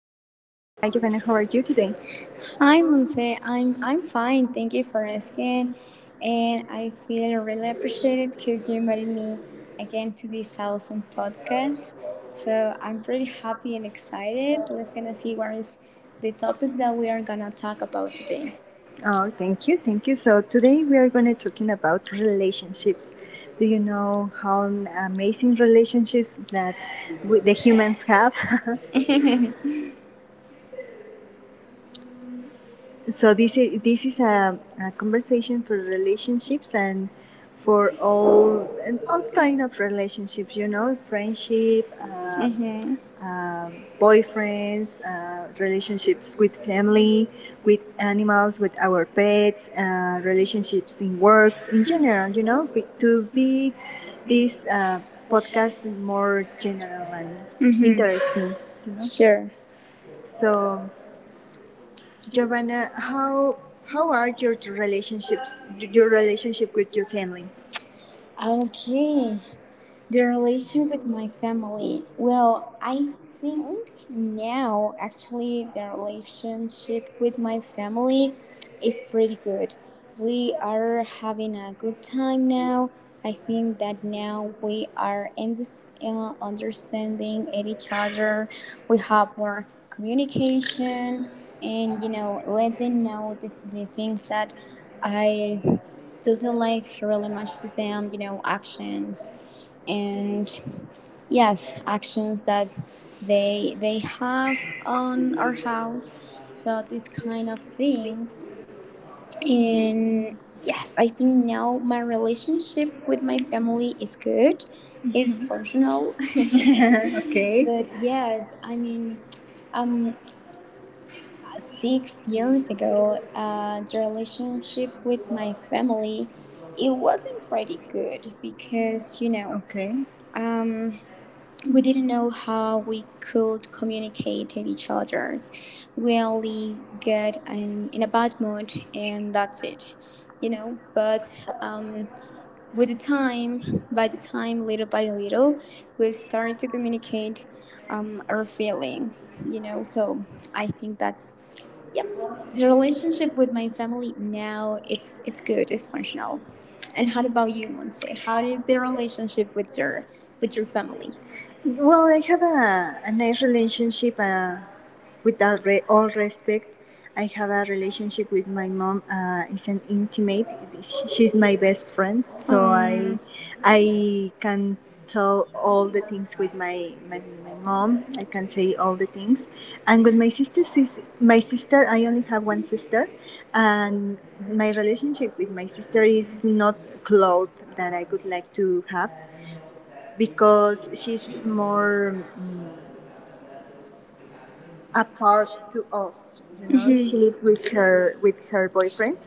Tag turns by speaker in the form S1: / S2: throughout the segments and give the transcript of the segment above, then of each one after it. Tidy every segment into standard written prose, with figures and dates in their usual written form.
S1: Giovanna, how are you today?
S2: Hi, Monse. I'm fine. Thank you for asking, and I feel really appreciated because you invited me again to this awesome podcast. So I'm pretty happy and excited. Let's gonna see what is the topic that we are gonna talk about today.
S1: Oh, thank you, thank you. So today we are going to talking about relationships. Do you know how amazing relationships that we, the humans have? So this is a conversation for relationships and for all and all kind of relationships. You know, friendship,
S2: Mm-hmm.
S1: boyfriends, relationships with family, with animals, with our pets, relationships in works in general. You know, be, to be this podcast more general and
S2: Mm-hmm.
S1: interesting. You know,
S2: Sure.
S1: so Giovanna, how are your relationships your relationship with your family?
S2: Okay. The relation with my family. Well, I think now actually the relationship with my family is pretty good. We are having a good time now. I think that now we are in this understanding at each other. We have more communication and let them know the things that I doesn't like really much to them, actions and yes actions that they have on our house, so these kind of things. And yes, I think now my relationship with my family is good, is functional.
S1: Okay.
S2: But yes, I mean, um six
S1: 6 years
S2: years ago
S1: ago,
S2: the relationship
S1: relationship.
S2: with my family, it wasn't pretty good because
S1: Okay.
S2: um we didn't know how we could communicate to each other's. We only get in a bad mood and that's it, you know. But um, with the time, by the time, little by little, we started to communicate our feelings, you know. So I think that, yep, the relationship with my family now, it's good, it's functional. And how about you, Monse? How is the relationship with your family?
S1: Well, I have a nice relationship. With re- all respect, I have a relationship with my mom. It's an intimate. She's my best friend, so
S2: Um.
S1: I can tell all the things with my, my mom. I can say all the things, and with my sister, sis, my sister, I only have one sister, and my relationship with my sister is not close that I would like to have because she's more. Apart to us, you know,
S2: Mhm.
S1: she lives with her boyfriend,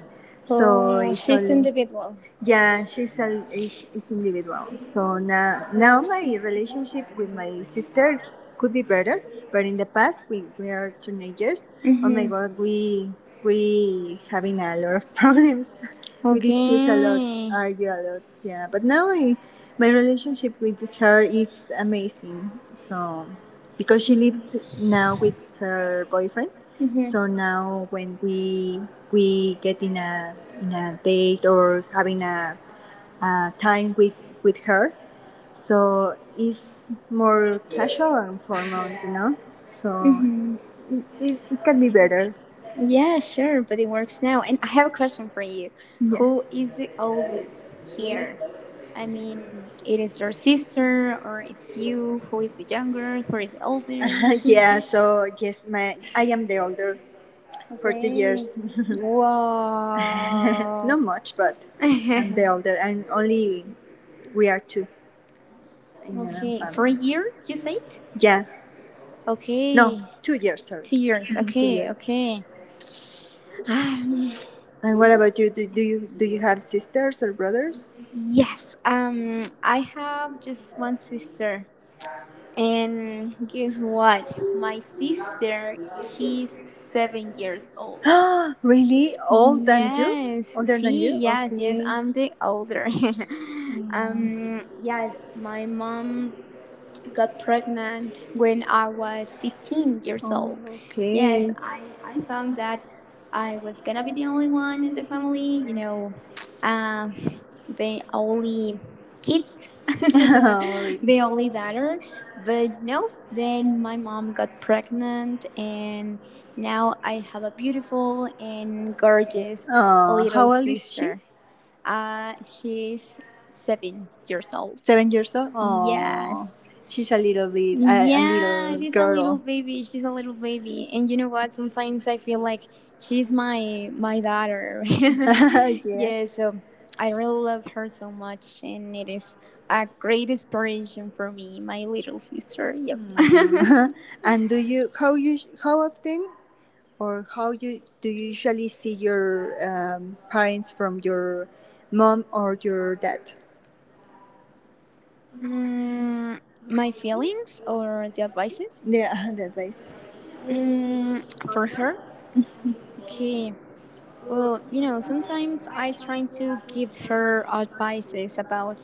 S1: so
S2: Oh,
S1: it's
S2: she's
S1: only
S2: individual.
S1: yeah, she's a is individual. So now my relationship with my sister could be better, but in the past we were teenagers. Oh my
S2: Mhm.
S1: god, we having a lot of problems. We discuss a lot,
S2: Okay.
S1: argue a lot, yeah. But now I, my relationship with her is amazing. So because she lives now with her boyfriend,
S2: Mhm.
S1: so now when we get in a date or having a time with her, so it's more casual and formal, you know. So
S2: Mhm.
S1: it can be better.
S2: Yeah, sure, but it works now. And I have a question for you.
S1: Yeah.
S2: Who is
S1: And
S2: the oldest here? I mean, it is your sister or it's you? Who is the younger? Who is the older?
S1: yeah, so yes, my I am the older for two
S2: Okay.
S1: years.
S2: Wow.
S1: Not much, but I'm the older, and only we are two in the
S2: Okay. 4 years, you
S1: family.
S2: said?
S1: Yeah,
S2: Okay.
S1: no,
S2: No.
S1: 2 years. Sorry,
S2: Two
S1: two
S2: years.
S1: mhm, two
S2: Okay,
S1: years.
S2: okay. Um,
S1: And what about you? Do, do you have sisters or brothers?
S2: yes. I have just one sister. And guess what? My sister, she's 7 years old.
S1: Really, old than you,
S2: Yes,
S1: older than
S2: see,
S1: you?
S2: yes, yes,
S1: Okay.
S2: I'm the older. Yes, my mom got pregnant when I was 15 years
S1: Oh,
S2: old.
S1: okay.
S2: Yes, I
S1: Yes,
S2: thought that I was gonna be the only one in the family, um, the only kid,
S1: sorry.
S2: the only daughter. But no, then my mom got pregnant, and now I have a beautiful and gorgeous
S1: Oh,
S2: little
S1: how old is she?
S2: sister. She's 7 years old.
S1: 7 years old. Oh,
S2: Yes.
S1: she's a little bit a
S2: Yeah,
S1: little
S2: she's a little
S1: girl.
S2: baby. She's a little baby, and you know what? Sometimes I feel like she's my daughter.
S1: Yeah.
S2: Yeah, so I really love her so much, and it is a great inspiration for me, my little sister. Yep.
S1: Mm. And do you how often, or how you do you usually see your parents from your mom or your dad?
S2: mm, my feelings or the advices,
S1: Yeah, the that basis.
S2: mm, for her. Okay. Well, you know, sometimes I try to give her advices about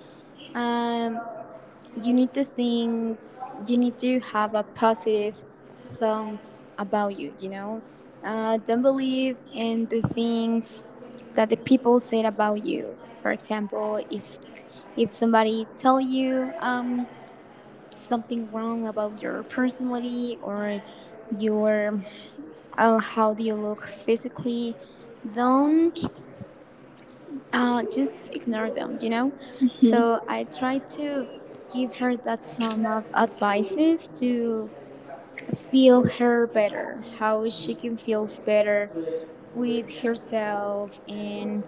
S2: um you need to think, you need to have a positive thoughts about you, you know don't believe in the things that the people said about you. For example, if somebody tell you something wrong about your personality or your how do you look physically, don't just ignore them, you know?
S1: Mhm.
S2: So I try to give her that some of advices to feel her better, how she can feel better with herself and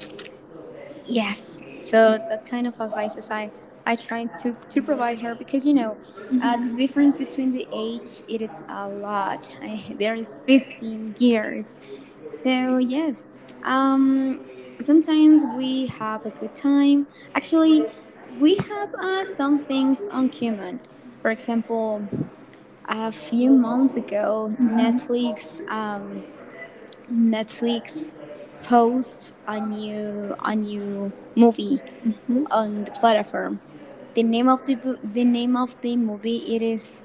S2: yes. So that kind of advices I try to provide her because the difference between the age it is a lot. I, there is 15 years, so yes, um, sometimes we have a good time. Actually, we have some things on common. For example, a few months ago, Netflix post a new movie
S1: Years.
S2: on the platform. The name of the name of the movie it is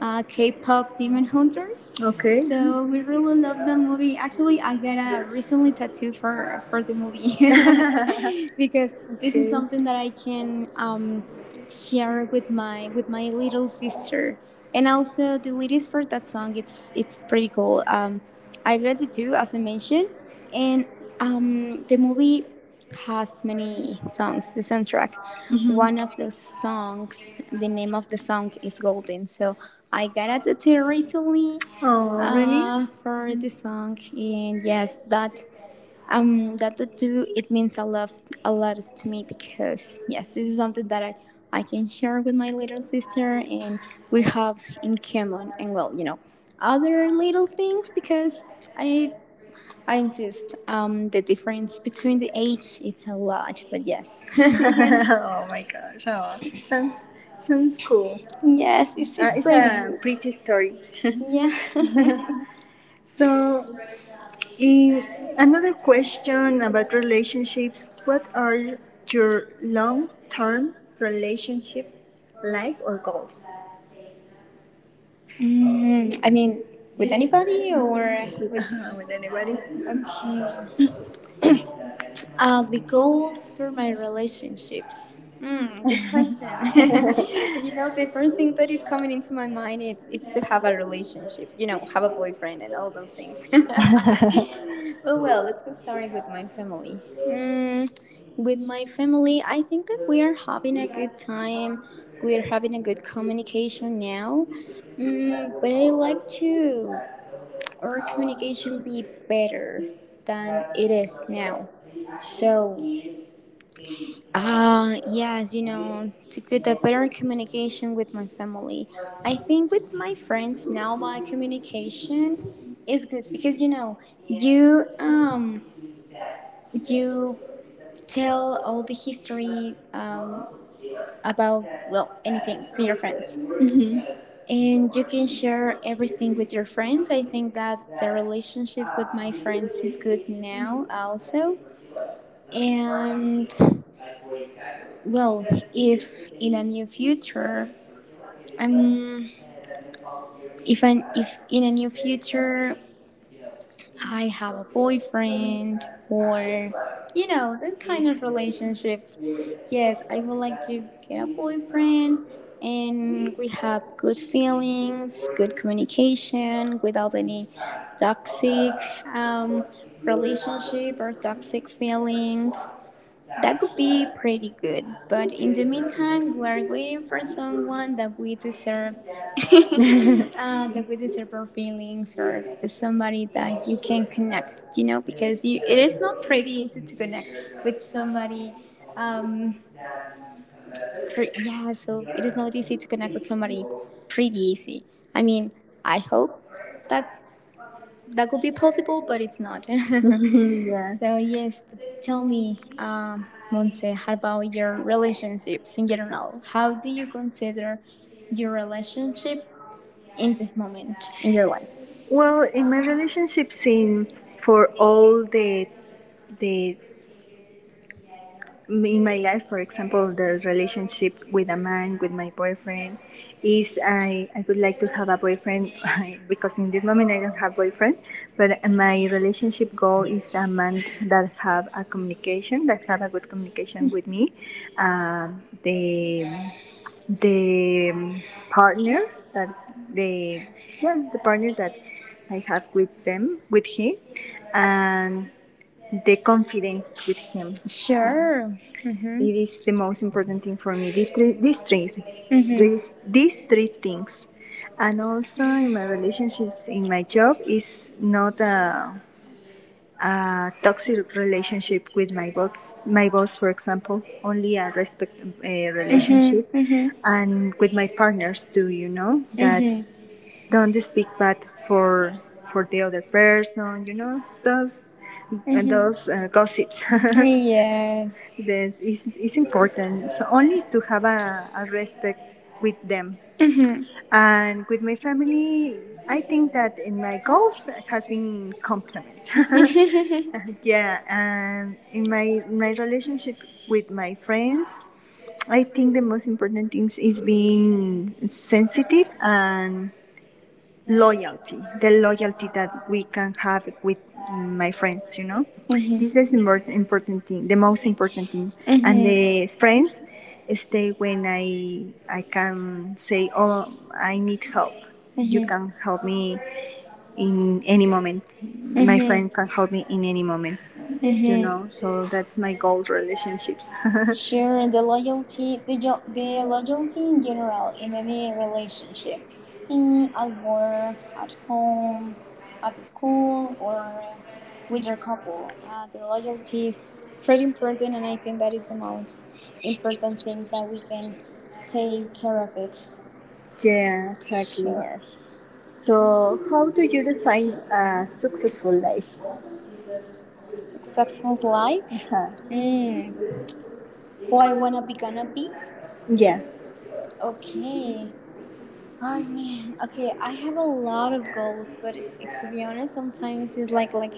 S2: K-pop Demon Hunters.
S1: Okay.
S2: So we really love the movie. Actually, I got a recently tattoo for the movie. Because this is
S1: Okay.
S2: something that I can share with my little sister. And also the lyrics for that song, it's pretty cool. I got a tattoo as I mentioned, and the movie has many songs. The soundtrack, one
S1: Mhm.
S2: of those songs, the name of the song is Golden. So I got it recently
S1: Oh,
S2: for the song, and yes, that that tattoo it means a lot to me because yes, this is something that I can share with my little sister, and we have in common, and well, you know, other little things because I. I insist. The difference between the age, it's a lot, but yes.
S1: oh my gosh! Oh, sounds sounds cool.
S2: Yes, it's
S1: It's
S2: pretty
S1: a
S2: sweet.
S1: pretty story.
S2: Yeah.
S1: So, in another question about relationships, what are your long-term relationship life or goals
S2: Mm, I mean, with anybody or
S1: with,
S2: with.
S1: with anybody?
S2: Okay. The goals for my relationships. Mm, good question. But you know, the first thing that is coming into my mind is it's to have a relationship. You know, have a boyfriend and all those things. Well, well, let's get started with my family. Mm, with my family, I think that we are having a good time. We are having a good communication now. Mm, but I like to our communication be better than it is now. So, yes, you know, to get a better communication with my family. I think with my friends now, my communication is good because you know, you um, you tell all the history about well anything to your friends,
S1: Mm-hmm.
S2: and you can share everything with your friends. I think that the relationship with my friends is good now also. And well, if in a new future I'm if in a new future I have a boyfriend or you know that kind of relationships, yes, I would like to get a boyfriend and we have good feelings, good communication without any toxic um, relationship or toxic feelings. That could be pretty good. But in the meantime, we are waiting for someone that we deserve, that we deserve our feelings, or somebody that you can connect. You know, because you it is not pretty easy to connect with somebody. Um, yeah, so it is not easy to connect with somebody pretty easy. I mean, I hope that that could be possible, but it's not. So yes, but tell me, Monse, how about your relationships in general? How do you consider your relationships in this moment in your life?
S1: Well, in my relationship scene, for all the in my life, for example, the relationship with a man, with my boyfriend, is I would like to have a boyfriend because in this moment I don't have boyfriend, but my relationship goal is a man that have a communication, that have a good communication with me, um, the the partner that the yeah the partner that I have with them with him and the confidence with him.
S2: Sure. Mhm.
S1: It is the most important thing for me. These three, these 3
S2: Mhm.
S1: these three things, and also in my relationships, in my job, is not a a toxic relationship with my boss, for example, only a respect
S2: Mm-hmm.
S1: relationship,
S2: Mm-hmm.
S1: and with my partners too. You know that
S2: Hmm.
S1: don't speak bad for the other person. You know those and
S2: Hmm.
S1: those gossips.
S2: Yes.
S1: This is important. So only to have a respect with them
S2: Hmm.
S1: and with my family. I think that in my goals has been compliment.
S2: Hmm.
S1: Yeah, and in my my relationship with my friends, I think the most important things is being sensitive and loyalty. The loyalty that we can have with my friends, you know. This is the most important thing, the most important thing. And the friends stay when I can say, "Oh, I need help. You can help me in any moment. My friend can help me in any moment, you know. So that's my goal relationships.
S2: Sure, the loyalty, the loyalty in general in any relationship, in at work, at home, at school, or with your couple, the loyalty is pretty important, and I think that is the most important thing that we can take care of it.
S1: Yeah, exactly.
S2: Sure,
S1: So how do you define a successful life?
S2: successful life.
S1: Uh-huh.
S2: Mm. Who I wanna be gonna be?
S1: Yeah.
S2: Okay. Oh man, okay, I have a lot of goals, but if, to be honest, sometimes it's like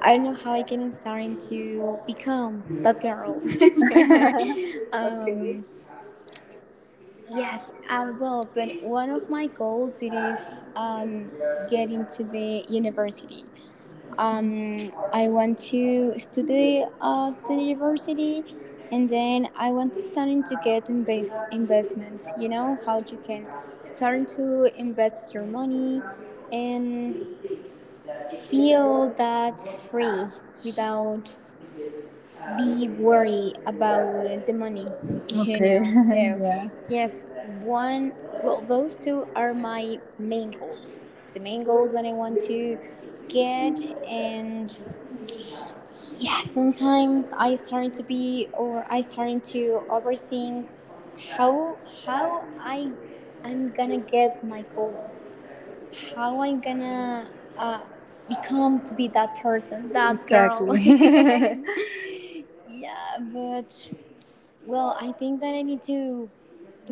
S2: I don't know how I can starting to become that girl.
S1: Okay.
S2: Um, yes, I will. But one of my goals it is getting to the university. Um, I want to study at the university, and then I want to start to get investment. You know how you can start to invest your money and feel that free without be worried about the money. You
S1: Okay.
S2: know, so
S1: Yeah.
S2: yes, one. Well, those two are my main goals. The main goals that I want to get. And yeah, sometimes I start to overthink how I, I'm gonna get my goals how I am gonna uh, become to be that person, that girl.
S1: Exactly.
S2: Yeah, but well, I think that I need to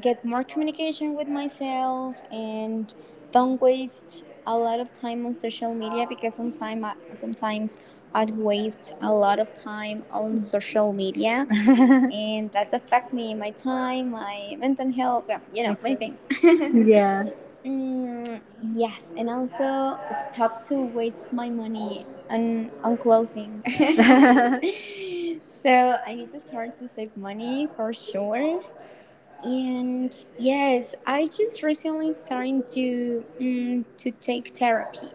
S2: get more communication with myself and don't waste a lot of time on social media because sometimes I'd waste a lot of time on social media, and that's affect me, my time, my mental health, well, you know, many
S1: Exa-
S2: things.
S1: yeah.
S2: Mm, yes, and also stop to waste my money on clothing. So I need to start to save money for sure. And yes, I just recently starting to to take therapy.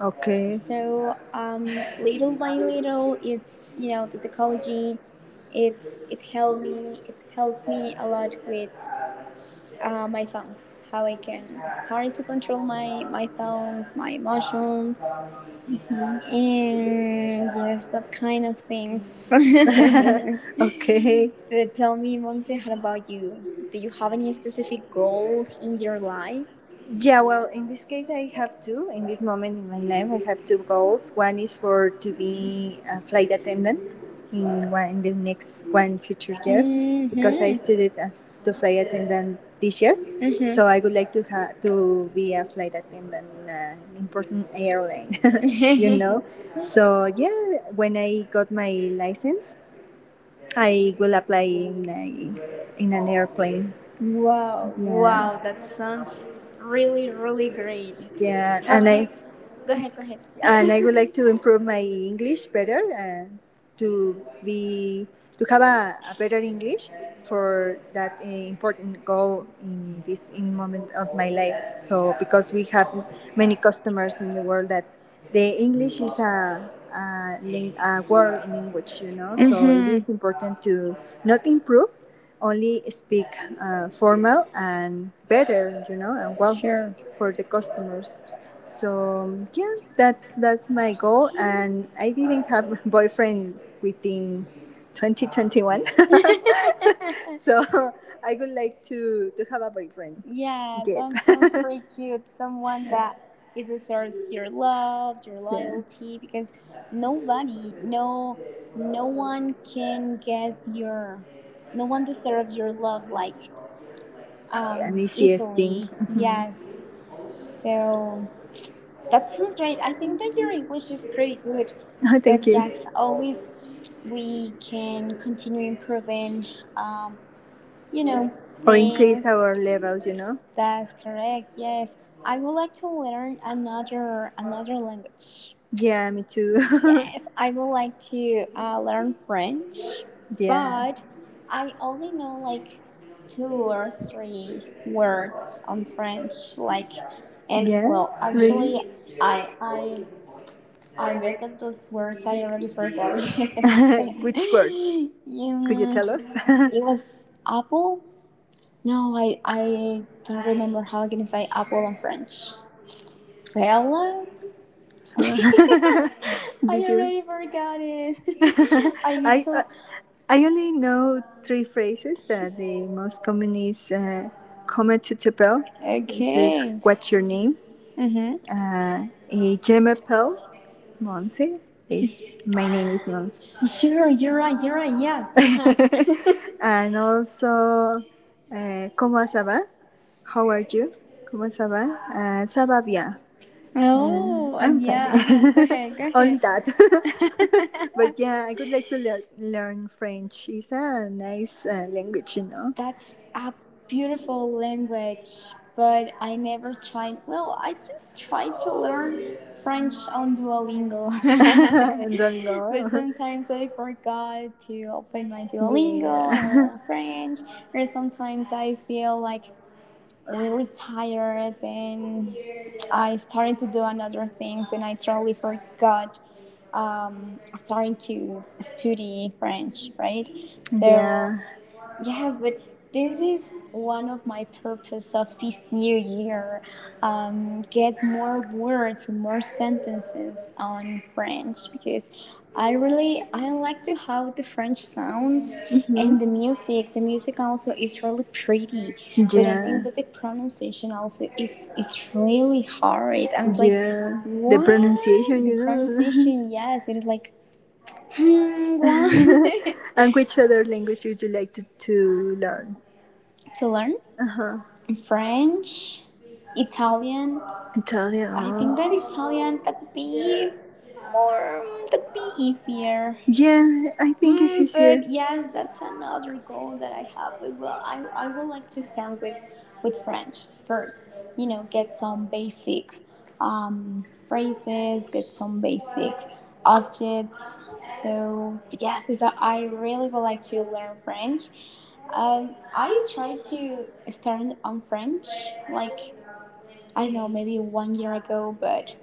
S1: Okay.
S2: So little by little, it's you know the psychology, it helped me. It helps me a lot with my thoughts, how I can start to control my thoughts, my emotions, and yes, that kind of things.
S1: Okay.
S2: But tell me, Monse, how about you? Do you have any specific goals in your life?
S1: Yeah, well, in this case, I have two. In this moment in my life, I have two goals. One is for to be a flight attendant in one in the next one future year, because I
S2: Mm-hmm.
S1: studied as to flight attendant this year. So I would like to ha- to be a flight attendant in a, an important airline, you
S2: Mm-hmm.
S1: know. So yeah, when I got my license, I will apply in a, in an airplane.
S2: Wow,
S1: Yeah,
S2: wow, that sounds really, really great.
S1: yeah,
S2: Have you? Go ahead, go ahead.
S1: and I would like to improve my English better and to be to have a better English for that important goal in this in moment of my life. So because we have many customers in the world that the English is a, ling- a world language, you know. So it
S2: Mm-hmm.
S1: is important to not improve, only speak formal and better, you know, and well
S2: Sure.
S1: for the customers. So yeah, that's my goal, and I didn't have a boyfriend within 2021, so I would like to have a boyfriend.
S2: Yeah,
S1: Get
S2: that sounds pretty cute. Someone that it deserves your love, your
S1: yeah,
S2: loyalty, because nobody, no, no one can get your, no one deserves your love like
S1: an easiest thing.
S2: easily.
S1: Mhm.
S2: Yes, so that sounds great. I think that your English is pretty good,
S1: Oh,
S2: but
S1: thank you.
S2: yes, always we can continue improving. Um, you know,
S1: Or
S2: things.
S1: increase our level, you know.
S2: That's correct. Yes, I would like to learn another language.
S1: Yeah, me too.
S2: Yes, I would like to learn French,
S1: Yeah,
S2: but I only know like two or three words on French. Like, and
S1: yeah,
S2: well, actually,
S1: really.
S2: I I I bet that those words I already forgot. Um,
S1: Which word? Could you tell us?
S2: it was apple. No, I don't remember how I can say apple in French. Fella? I
S1: Did
S2: already
S1: you?
S2: forgot it. I need
S1: I uh,
S2: to.
S1: I only know three phrases that the most common is "Come to Tepel," this is
S2: Okay.
S1: "What's your name?"
S2: Mm-hmm.
S1: A Gemma Pell, Monse is my name is Monse,
S2: Sure, you're right, yeah.
S1: and also "Cómo ça how are you? ¿Cómo se va? Ça bien.
S2: Oh,
S1: I'm fine.
S2: yeah, uh-huh. Go ahead, go
S1: Only
S2: ahead.
S1: that. But yeah, I would like to learn French. It's a nice language, you know.
S2: That's a beautiful language, but I never tried. Well, I just tried to learn French on Duolingo.
S1: And
S2: But
S1: Duolingo.
S2: sometimes I forgot to open my Duolingo and learn French, or sometimes I feel like really tired and I started to do another things and I totally forgot starting to study French, right? So
S1: Yeah.
S2: yes, but this is one of my purpose of this new year. Get more words more sentences
S1: Yeah.
S2: on French because I really I like to how the French sounds
S1: Mhm.
S2: and the music. The music also is really pretty, but I think that the pronunciation also is really hard. I'm like,
S1: Yeah. The pronunciation,
S2: what the
S1: you know.
S2: pronunciation? Yes, it is like hmm, what
S1: And which other language would you like to learn?
S2: to learn
S1: Uh huh.
S2: French, Italian.
S1: Italian.
S2: I think that
S1: Oh.
S2: Italian that could be more that could be easier.
S1: Yeah, I think it's
S2: Mm, but
S1: easier.
S2: yes,
S1: Yeah,
S2: that's
S1: that's another
S2: another goal
S1: goal
S2: that
S1: that I
S2: I have.
S1: have with
S2: Well,
S1: well,
S2: I
S1: I
S2: I would like to
S1: have.
S2: start
S1: Would
S2: with
S1: like
S2: French first. You know, get some basic phrases, get some basic objects. So yes, because I really would like to learn French. I try to start on French, like I don't know, maybe one year ago, but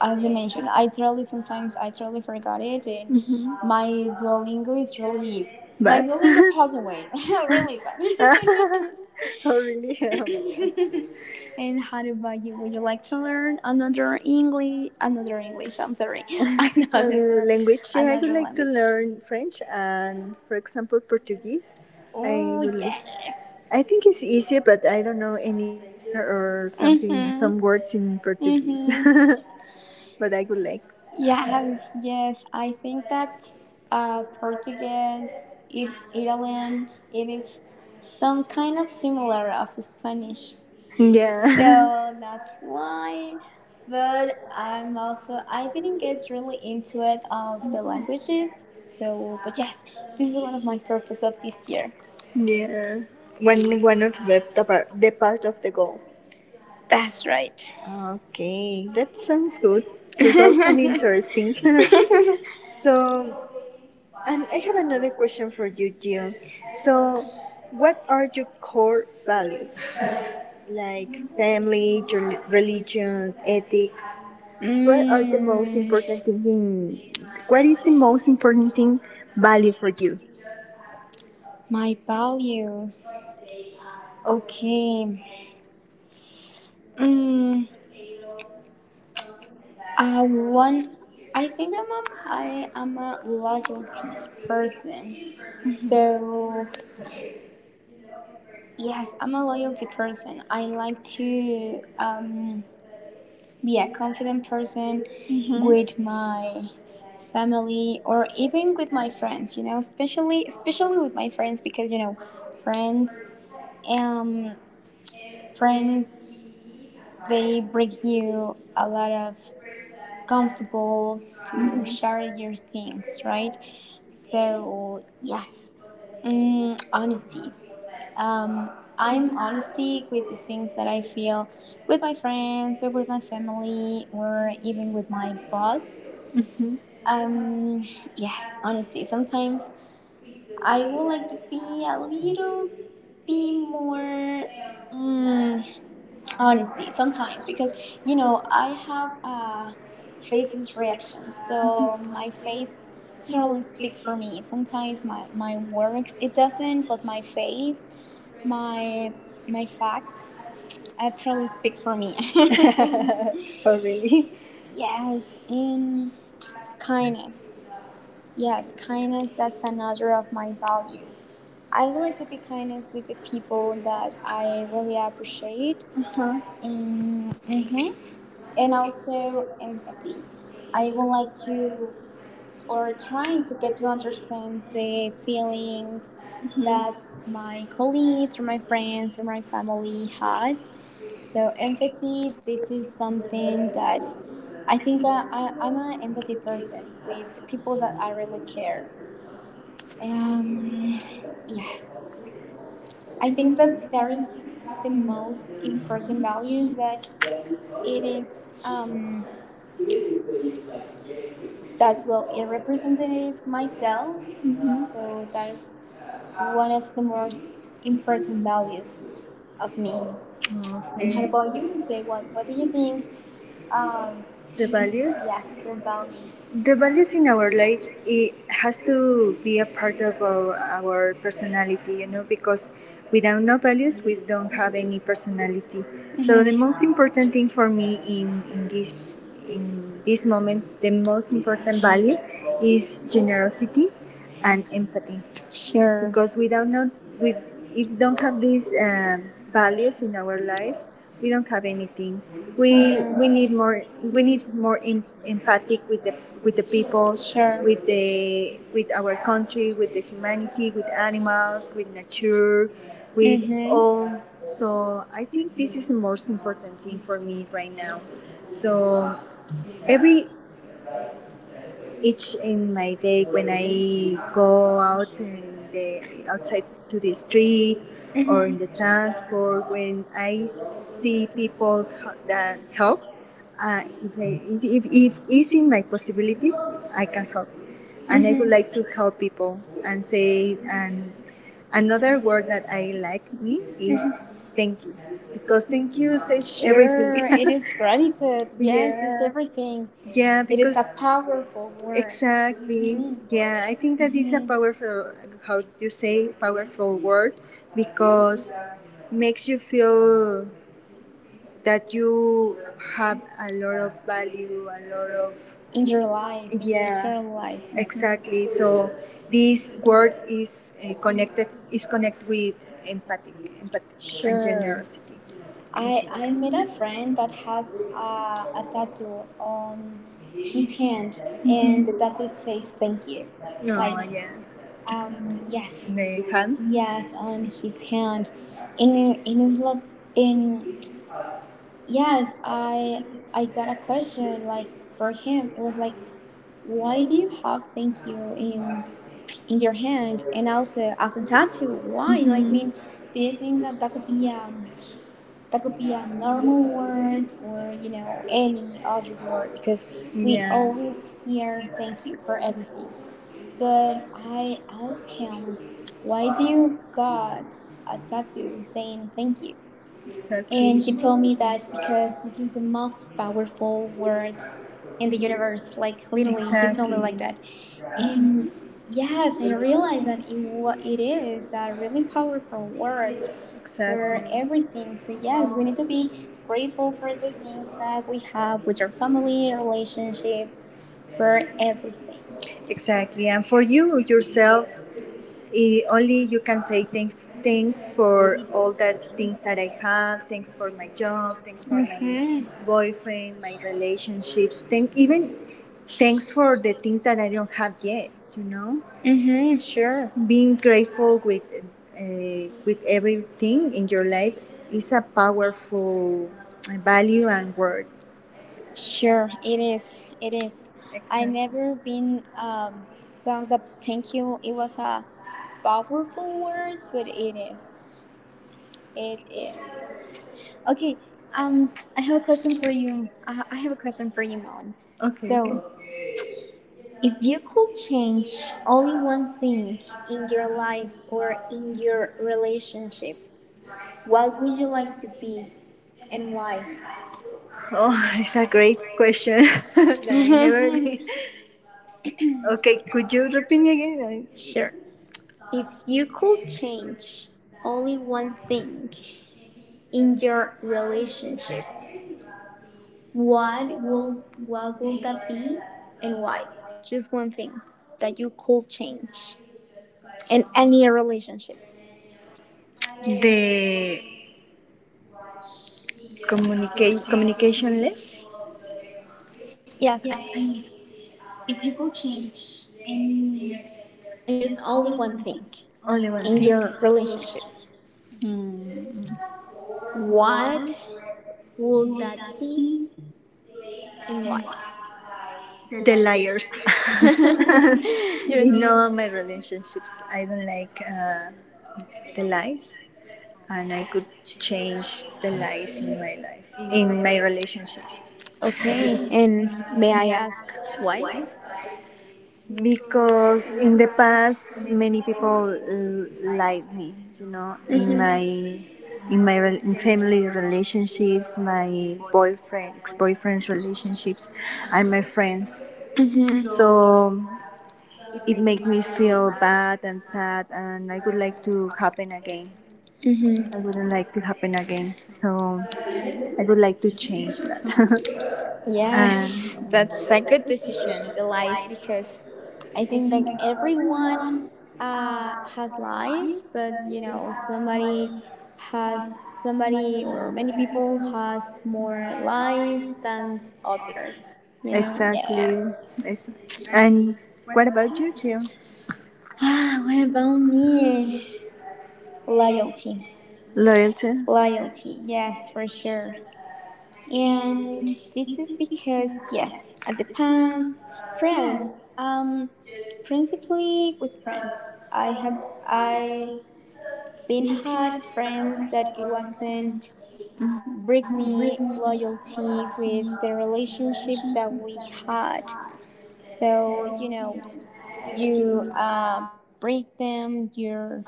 S2: as you mentioned, I totally sometimes I totally forgot it, and
S1: mhm.
S2: my Duolingo is really my
S1: But. Don't
S2: Duolingo passed away,
S1: know if
S2: really bad.
S1: it has a name. Like, oh, really? Oh
S2: And how about you? Would you like to learn another English? Another English? I'm
S1: my
S2: sorry,
S1: God.
S2: another
S1: Language, yeah, I would
S2: another
S1: like to
S2: language.
S1: learn French and, for example, Portuguese. I
S2: Oh
S1: would like
S2: yes.
S1: I think it's easy, but I don't know any Fraser or something,
S2: Mhm.
S1: some words in Portuguese.
S2: Mhm.
S1: But I would like.
S2: Yes, yes. I think that Portuguese, it, Italian, it is some kind of similar of Spanish.
S1: Yeah.
S2: So that's why. But I'm also I didn't get really into it of the languages. So, but yes, this is one of my purpose of this year.
S1: Yeah. One, one of the, par- the part of the goal.
S2: That's right.
S1: Okay, that sounds good. Your goals sound interesting. So, and I have another question for you, Gio. So, what are your core values? Like family, rel- religion, ethics. What are the most
S2: Mm,
S1: important thing in? What is the most important thing value for you?
S2: my values. Okay. Mm, one, I think I am a loyalty person. So yes, I'm a loyalty person. I like to be a
S1: Mm-hmm.
S2: confident person with
S1: Mm-hmm.
S2: my family or even with my friends. You know, especially with my friends because you know, friends um friends they bring you a lot of comfortable to share your things, right? So yes, mm, honesty. Um, I'm honesty with the things that I feel with my friends or with my family or even with my boss. Um, yes, honesty. Sometimes I would like to be a little bit more. Mm, honesty sometimes because you know I have faces reactions, so my face totally speak for me. Sometimes my works it doesn't, but my face, my my facts, totally speak for me.
S1: Mm-hmm. Really?
S2: Yes, and kindness. Yes, kindness. That's another of my values. I would like to be kindness with the people that I really appreciate,
S1: Uh-huh.
S2: and mhm, and also empathy. I would like to, or trying to get to understand the feelings that my colleagues or my friends or my family has. So empathy, this is something that I think that I, I'm an empathy person with the people that I really care. Um, yes, I think that there is the most important values that it is that will it representative myself, so that's one of the most important values of me. And how
S1: Okay.
S2: about you, Monse? What do you think um
S1: The
S2: yeah,
S1: values?
S2: your values.
S1: The values in our lives it has to be a part of our personality, you know, because without no values we don't have any personality. So the most
S2: Mm-hmm.
S1: important thing for me in this moment, the most important value is generosity and empathy
S2: Is sure
S1: because we don't know we if don't have these values in our lives we don't have anything we need more em- empathic with the people with the with our country with the humanity with animals with nature with all, so I think this is the most important thing for me right now. So every each in my day when I go out and the outside to the street
S2: now.
S1: or in
S2: Mhm.
S1: the transport when I see people that help if, I, if it's in my possibilities I can help, and I would like to help people and say, and another word that I like me is thank you,
S2: Mm-hmm.
S1: because thank you says
S2: Sure,
S1: everything.
S2: it is gratitude. Yes, it's
S1: Yeah,
S2: everything.
S1: yeah,
S2: It is
S1: because
S2: a powerful word.
S1: exactly.
S2: Mhm,
S1: Yeah, I think that is a
S2: mhm.
S1: powerful, how you say, powerful word because makes you feel that you have a lot of value, a lot of
S2: In your life, in your
S1: yeah,
S2: internal life. Mhm.
S1: exactly. So this word is connected is connected with empathic, empathic and
S2: Sure.
S1: generosity.
S2: I met a friend that has a tattoo on his hand, and the tattoo says thank you. Like,
S1: No, yeah.
S2: yes.
S1: The hand.
S2: Yes, on his hand. In a- in his look, in yes, I got a question like for him. It was like, why do you have thank you in your hand and also as a tattoo? Why? Like, I mean,
S1: Mhm.
S2: do you think that that could be a normal word or you know any other word because we always hear thank you for everything. But I asked him, why do you got a tattoo saying thank you?
S1: Thank
S2: And he told me that because this is the most powerful word in the universe. Like literally, he told me like that. And yes, I realized that it is a really powerful word
S1: for
S2: for
S1: exactly.
S2: everything. So yes, we need to be grateful for the things that we have with our family, relationships, for everything.
S1: Exactly. And for you yourself, I- only you can say
S2: Mm-hmm.
S1: thank, thanks for all the things that I have. Thanks for my job. Thanks for my boyfriend, my relationships. Thank even thanks for the things that I don't have yet. You know,
S2: Mm-hmm. Sure.
S1: being grateful with everything in your life is a powerful value and word.
S2: Sure. It is. It is. I
S1: Exactly.
S2: never been thought that thank you. It was a powerful word, but it is. It is. Okay. Um, I have a question for you. I have a question for you, Mon.
S1: Okay. So,
S2: So,
S1: okay.
S2: if you could change only one thing in your life or in your relationships, what would you like to be and why?
S1: Oh, it's a great question that I never. Did. Okay, could you repeat me again?
S2: Sure.
S1: I
S2: If you could change only one thing in your relationships, what will what would that be and why? Just one thing that you could change
S1: could
S2: in
S1: change
S2: any relationship.
S1: the communicate communicationless.
S2: Yes, I mean if you could change any just only one thing
S1: Only one
S2: in
S1: thing.
S2: your relationships.
S1: Mm,
S2: What would that be and why?
S1: the liars.
S2: You're-
S1: In all my relationships, I don't like the lies, and I could change the lies in my life, in my relationship.
S2: okay, and may I ask why?
S1: Because in the past, many people l- like me, you know, in my re- in family relationships, my boyfriend, ex-boyfriend's relationships, and my friends.
S2: Hmm hmm
S1: So it made me feel bad and sad, and I would like to happen again.
S2: hmm.
S1: I wouldn't like to happen again. So I would like to change that.
S2: Yes,
S1: And
S2: that's a good decision, the lies, because I think like everyone has lies, but you know, somebody or many people has more lies than others, you know?
S1: exactly,
S2: Yes.
S1: ex- and what about you, Jim?
S2: Ah, what about me? Loyalty.
S1: Loyalty.
S2: Loyalty, yes, for sure. And this is because yes at the past friends principally with friends i been had friends that it wasn't bring me loyalty with the relationship that we had. So you know, you break them your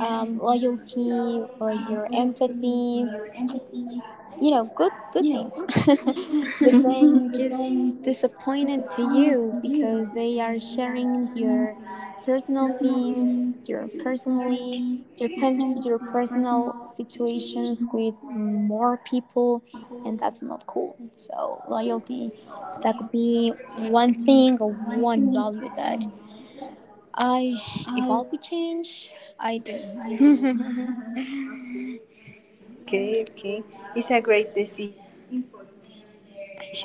S2: loyalty or your empathy, you know, good things but then just disappointed to you because they are sharing your personal things, your personally, your personal situations with more people, and that's not cool. So loyalty, that could be one thing or one value that I if I could change I do.
S1: Okay, okay. It's a great decision because loyalty is important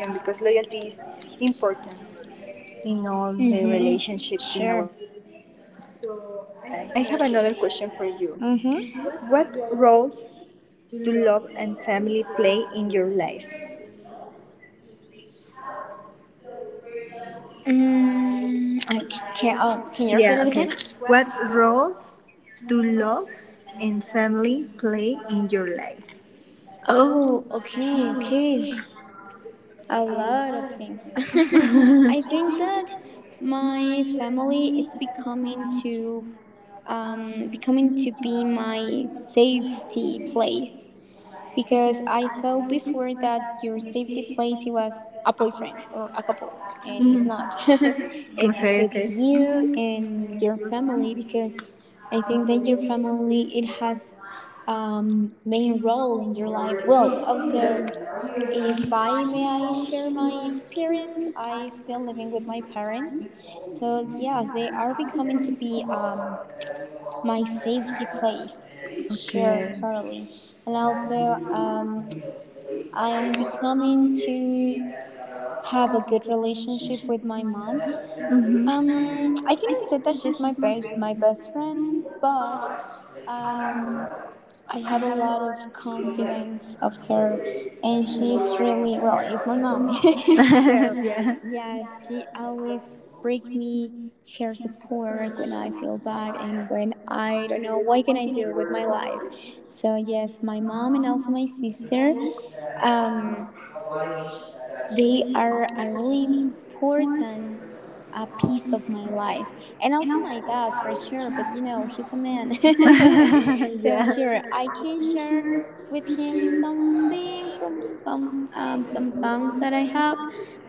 S1: in all the relationships in our lives.
S2: Mm-hmm. Sure.
S1: Yeah. So, I have another question for you.
S2: Mm-hmm.
S1: What roles do love and family play in your life?
S2: Mm, can't. Oh, can you
S1: Yeah,
S2: repeat it
S1: okay.
S2: again?
S1: What roles do love and family play in your life?
S2: Oh, okay, okay. A lot of things. I think that my family it's becoming to becoming to be my safety place. Because I thought before that your safety place it was a boyfriend or a couple, and it's not. it's
S1: Okay, and
S2: it's you and your family because I think that your family it has main role in your life. Well, also if I may I share my experience, I still living with my parents, so yeah, they are becoming to be my safety place. Sure,
S1: okay.
S2: totally. And also, I'm becoming to have a good relationship with my mom.
S1: Mm-hmm.
S2: I cannot say that she's my best friend, but um, I have a lot of confidence of her, and she's really well. It's my mom, so
S1: Yeah.
S2: yes, she always bring me her support like when I feel bad and when I don't know what can I do with my life. So yes, my mom and also my sister. Um, They are a really important a piece of my life, and also my dad for sure. But you know, he's a man,
S1: Man.
S2: so
S1: Yeah.
S2: sure I can share with him some things, some things that I have,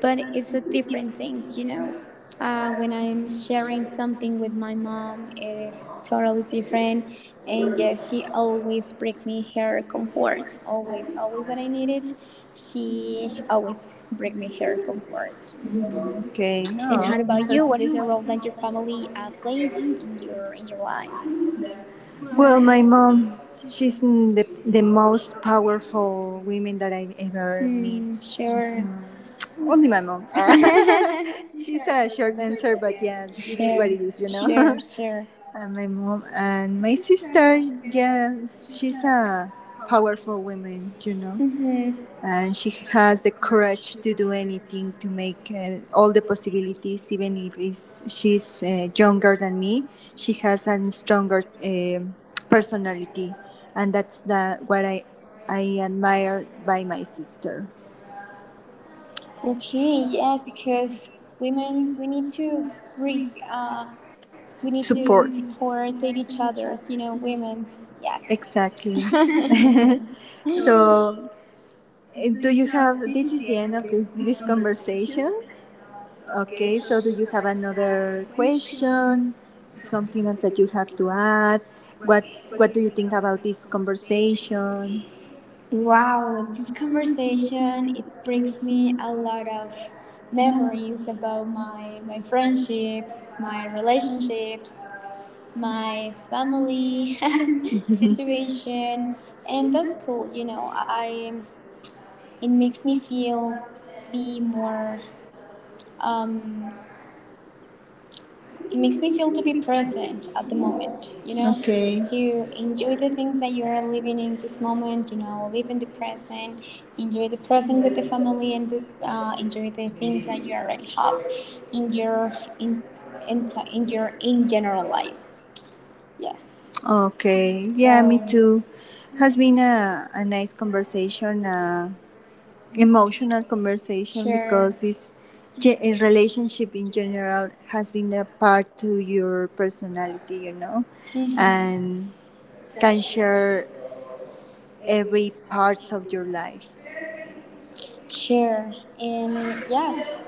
S2: but it's a different things, you know. When I'm sharing something with my mom, it is totally different. And yes, she always bring me her comfort. Always, always that I need it. She always brings me her comfort.
S1: Okay. So
S2: And how
S1: oh, how
S2: about
S1: that's
S2: you?
S1: about
S2: What
S1: you?
S2: is
S1: What
S2: the
S1: is the
S2: role
S1: role
S2: that
S1: that
S2: your
S1: your
S2: family
S1: family plays
S2: plays in your life?
S1: in your life? Well. My mom, she's n- the most powerful woman that I've ever
S2: Hmm,
S1: met.
S2: sure.
S1: Mhm. Only my mom.
S2: She
S1: She's a short answer, but yes, it is what
S2: sure,
S1: it is, you know.
S2: sure,
S1: And
S2: sure.
S1: my mom and my sister, yeah, she's a powerful woman, you know,
S2: Mm-hmm.
S1: and she has the courage to do anything to make all the possibilities even if it's, she's younger than me she has a stronger personality, and that's the, what I admire by my sister.
S2: Okay, yes, because women's we need to bring, uh, we need
S1: Support
S2: to support each other's, you know, women's. Yes.
S1: exactly.
S2: So.
S1: So do you have this is the end of this, this conversation. Okay, so do you have another question? Something else that you have to add? What What do you think about this conversation?
S2: Wow, this conversation it brings me a lot of memories about my friendships, my relationships, my family situation, and that's cool. You know, I it makes me feel be more um, it makes me feel to be present at the moment, you know,
S1: Okay.
S2: to enjoy the things that you are living in this moment, you know, live in the present, enjoy the present with the family, and the, enjoy the things that you already have in your in in, in your in general life. Yes,
S1: Okay. Yeah, me
S2: so
S1: too. Has been a nice conversation. Emotional conversation
S2: sure,
S1: because this ge- a relationship in general has been a part to your personality you know,
S2: hmm
S1: and can share every parts of your life.
S2: sure, and yes,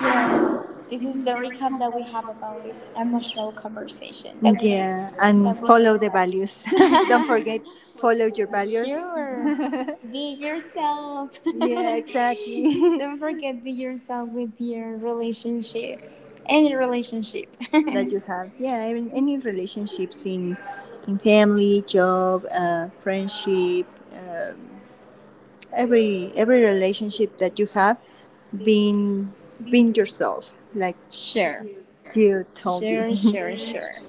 S2: you know, this is the recap that we have about this emotional conversation that we are
S1: Yeah, and
S2: that we
S1: follow the values. Don't forget follow your values.
S2: Sure. Be yourself.
S1: Yeah, exactly.
S2: Don't forget be yourself with your relationships. Any relationship.
S1: That you have yeah I mean, any relationships in family job friendship um, every relationship that you have being being yourself like
S2: Sure.
S1: Gio told you.
S2: Sure, sure, sure.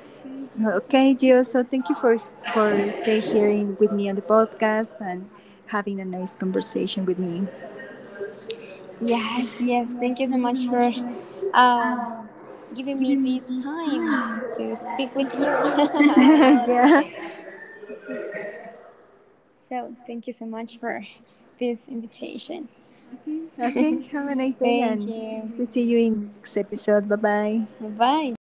S1: Okay Gio, so thank you for stay here in- with me on the podcast and having a nice conversation with me.
S2: Yes, yes. Thank you so much for um, giving me this time to speak with you.
S1: You.
S2: I really
S1: Yeah
S2: appreciate it. So, thank you so much for this invitation.
S1: okay have a nice day and
S2: Thank
S1: we see
S2: you.
S1: you in the next episode. Bye bye.
S2: Bye bye.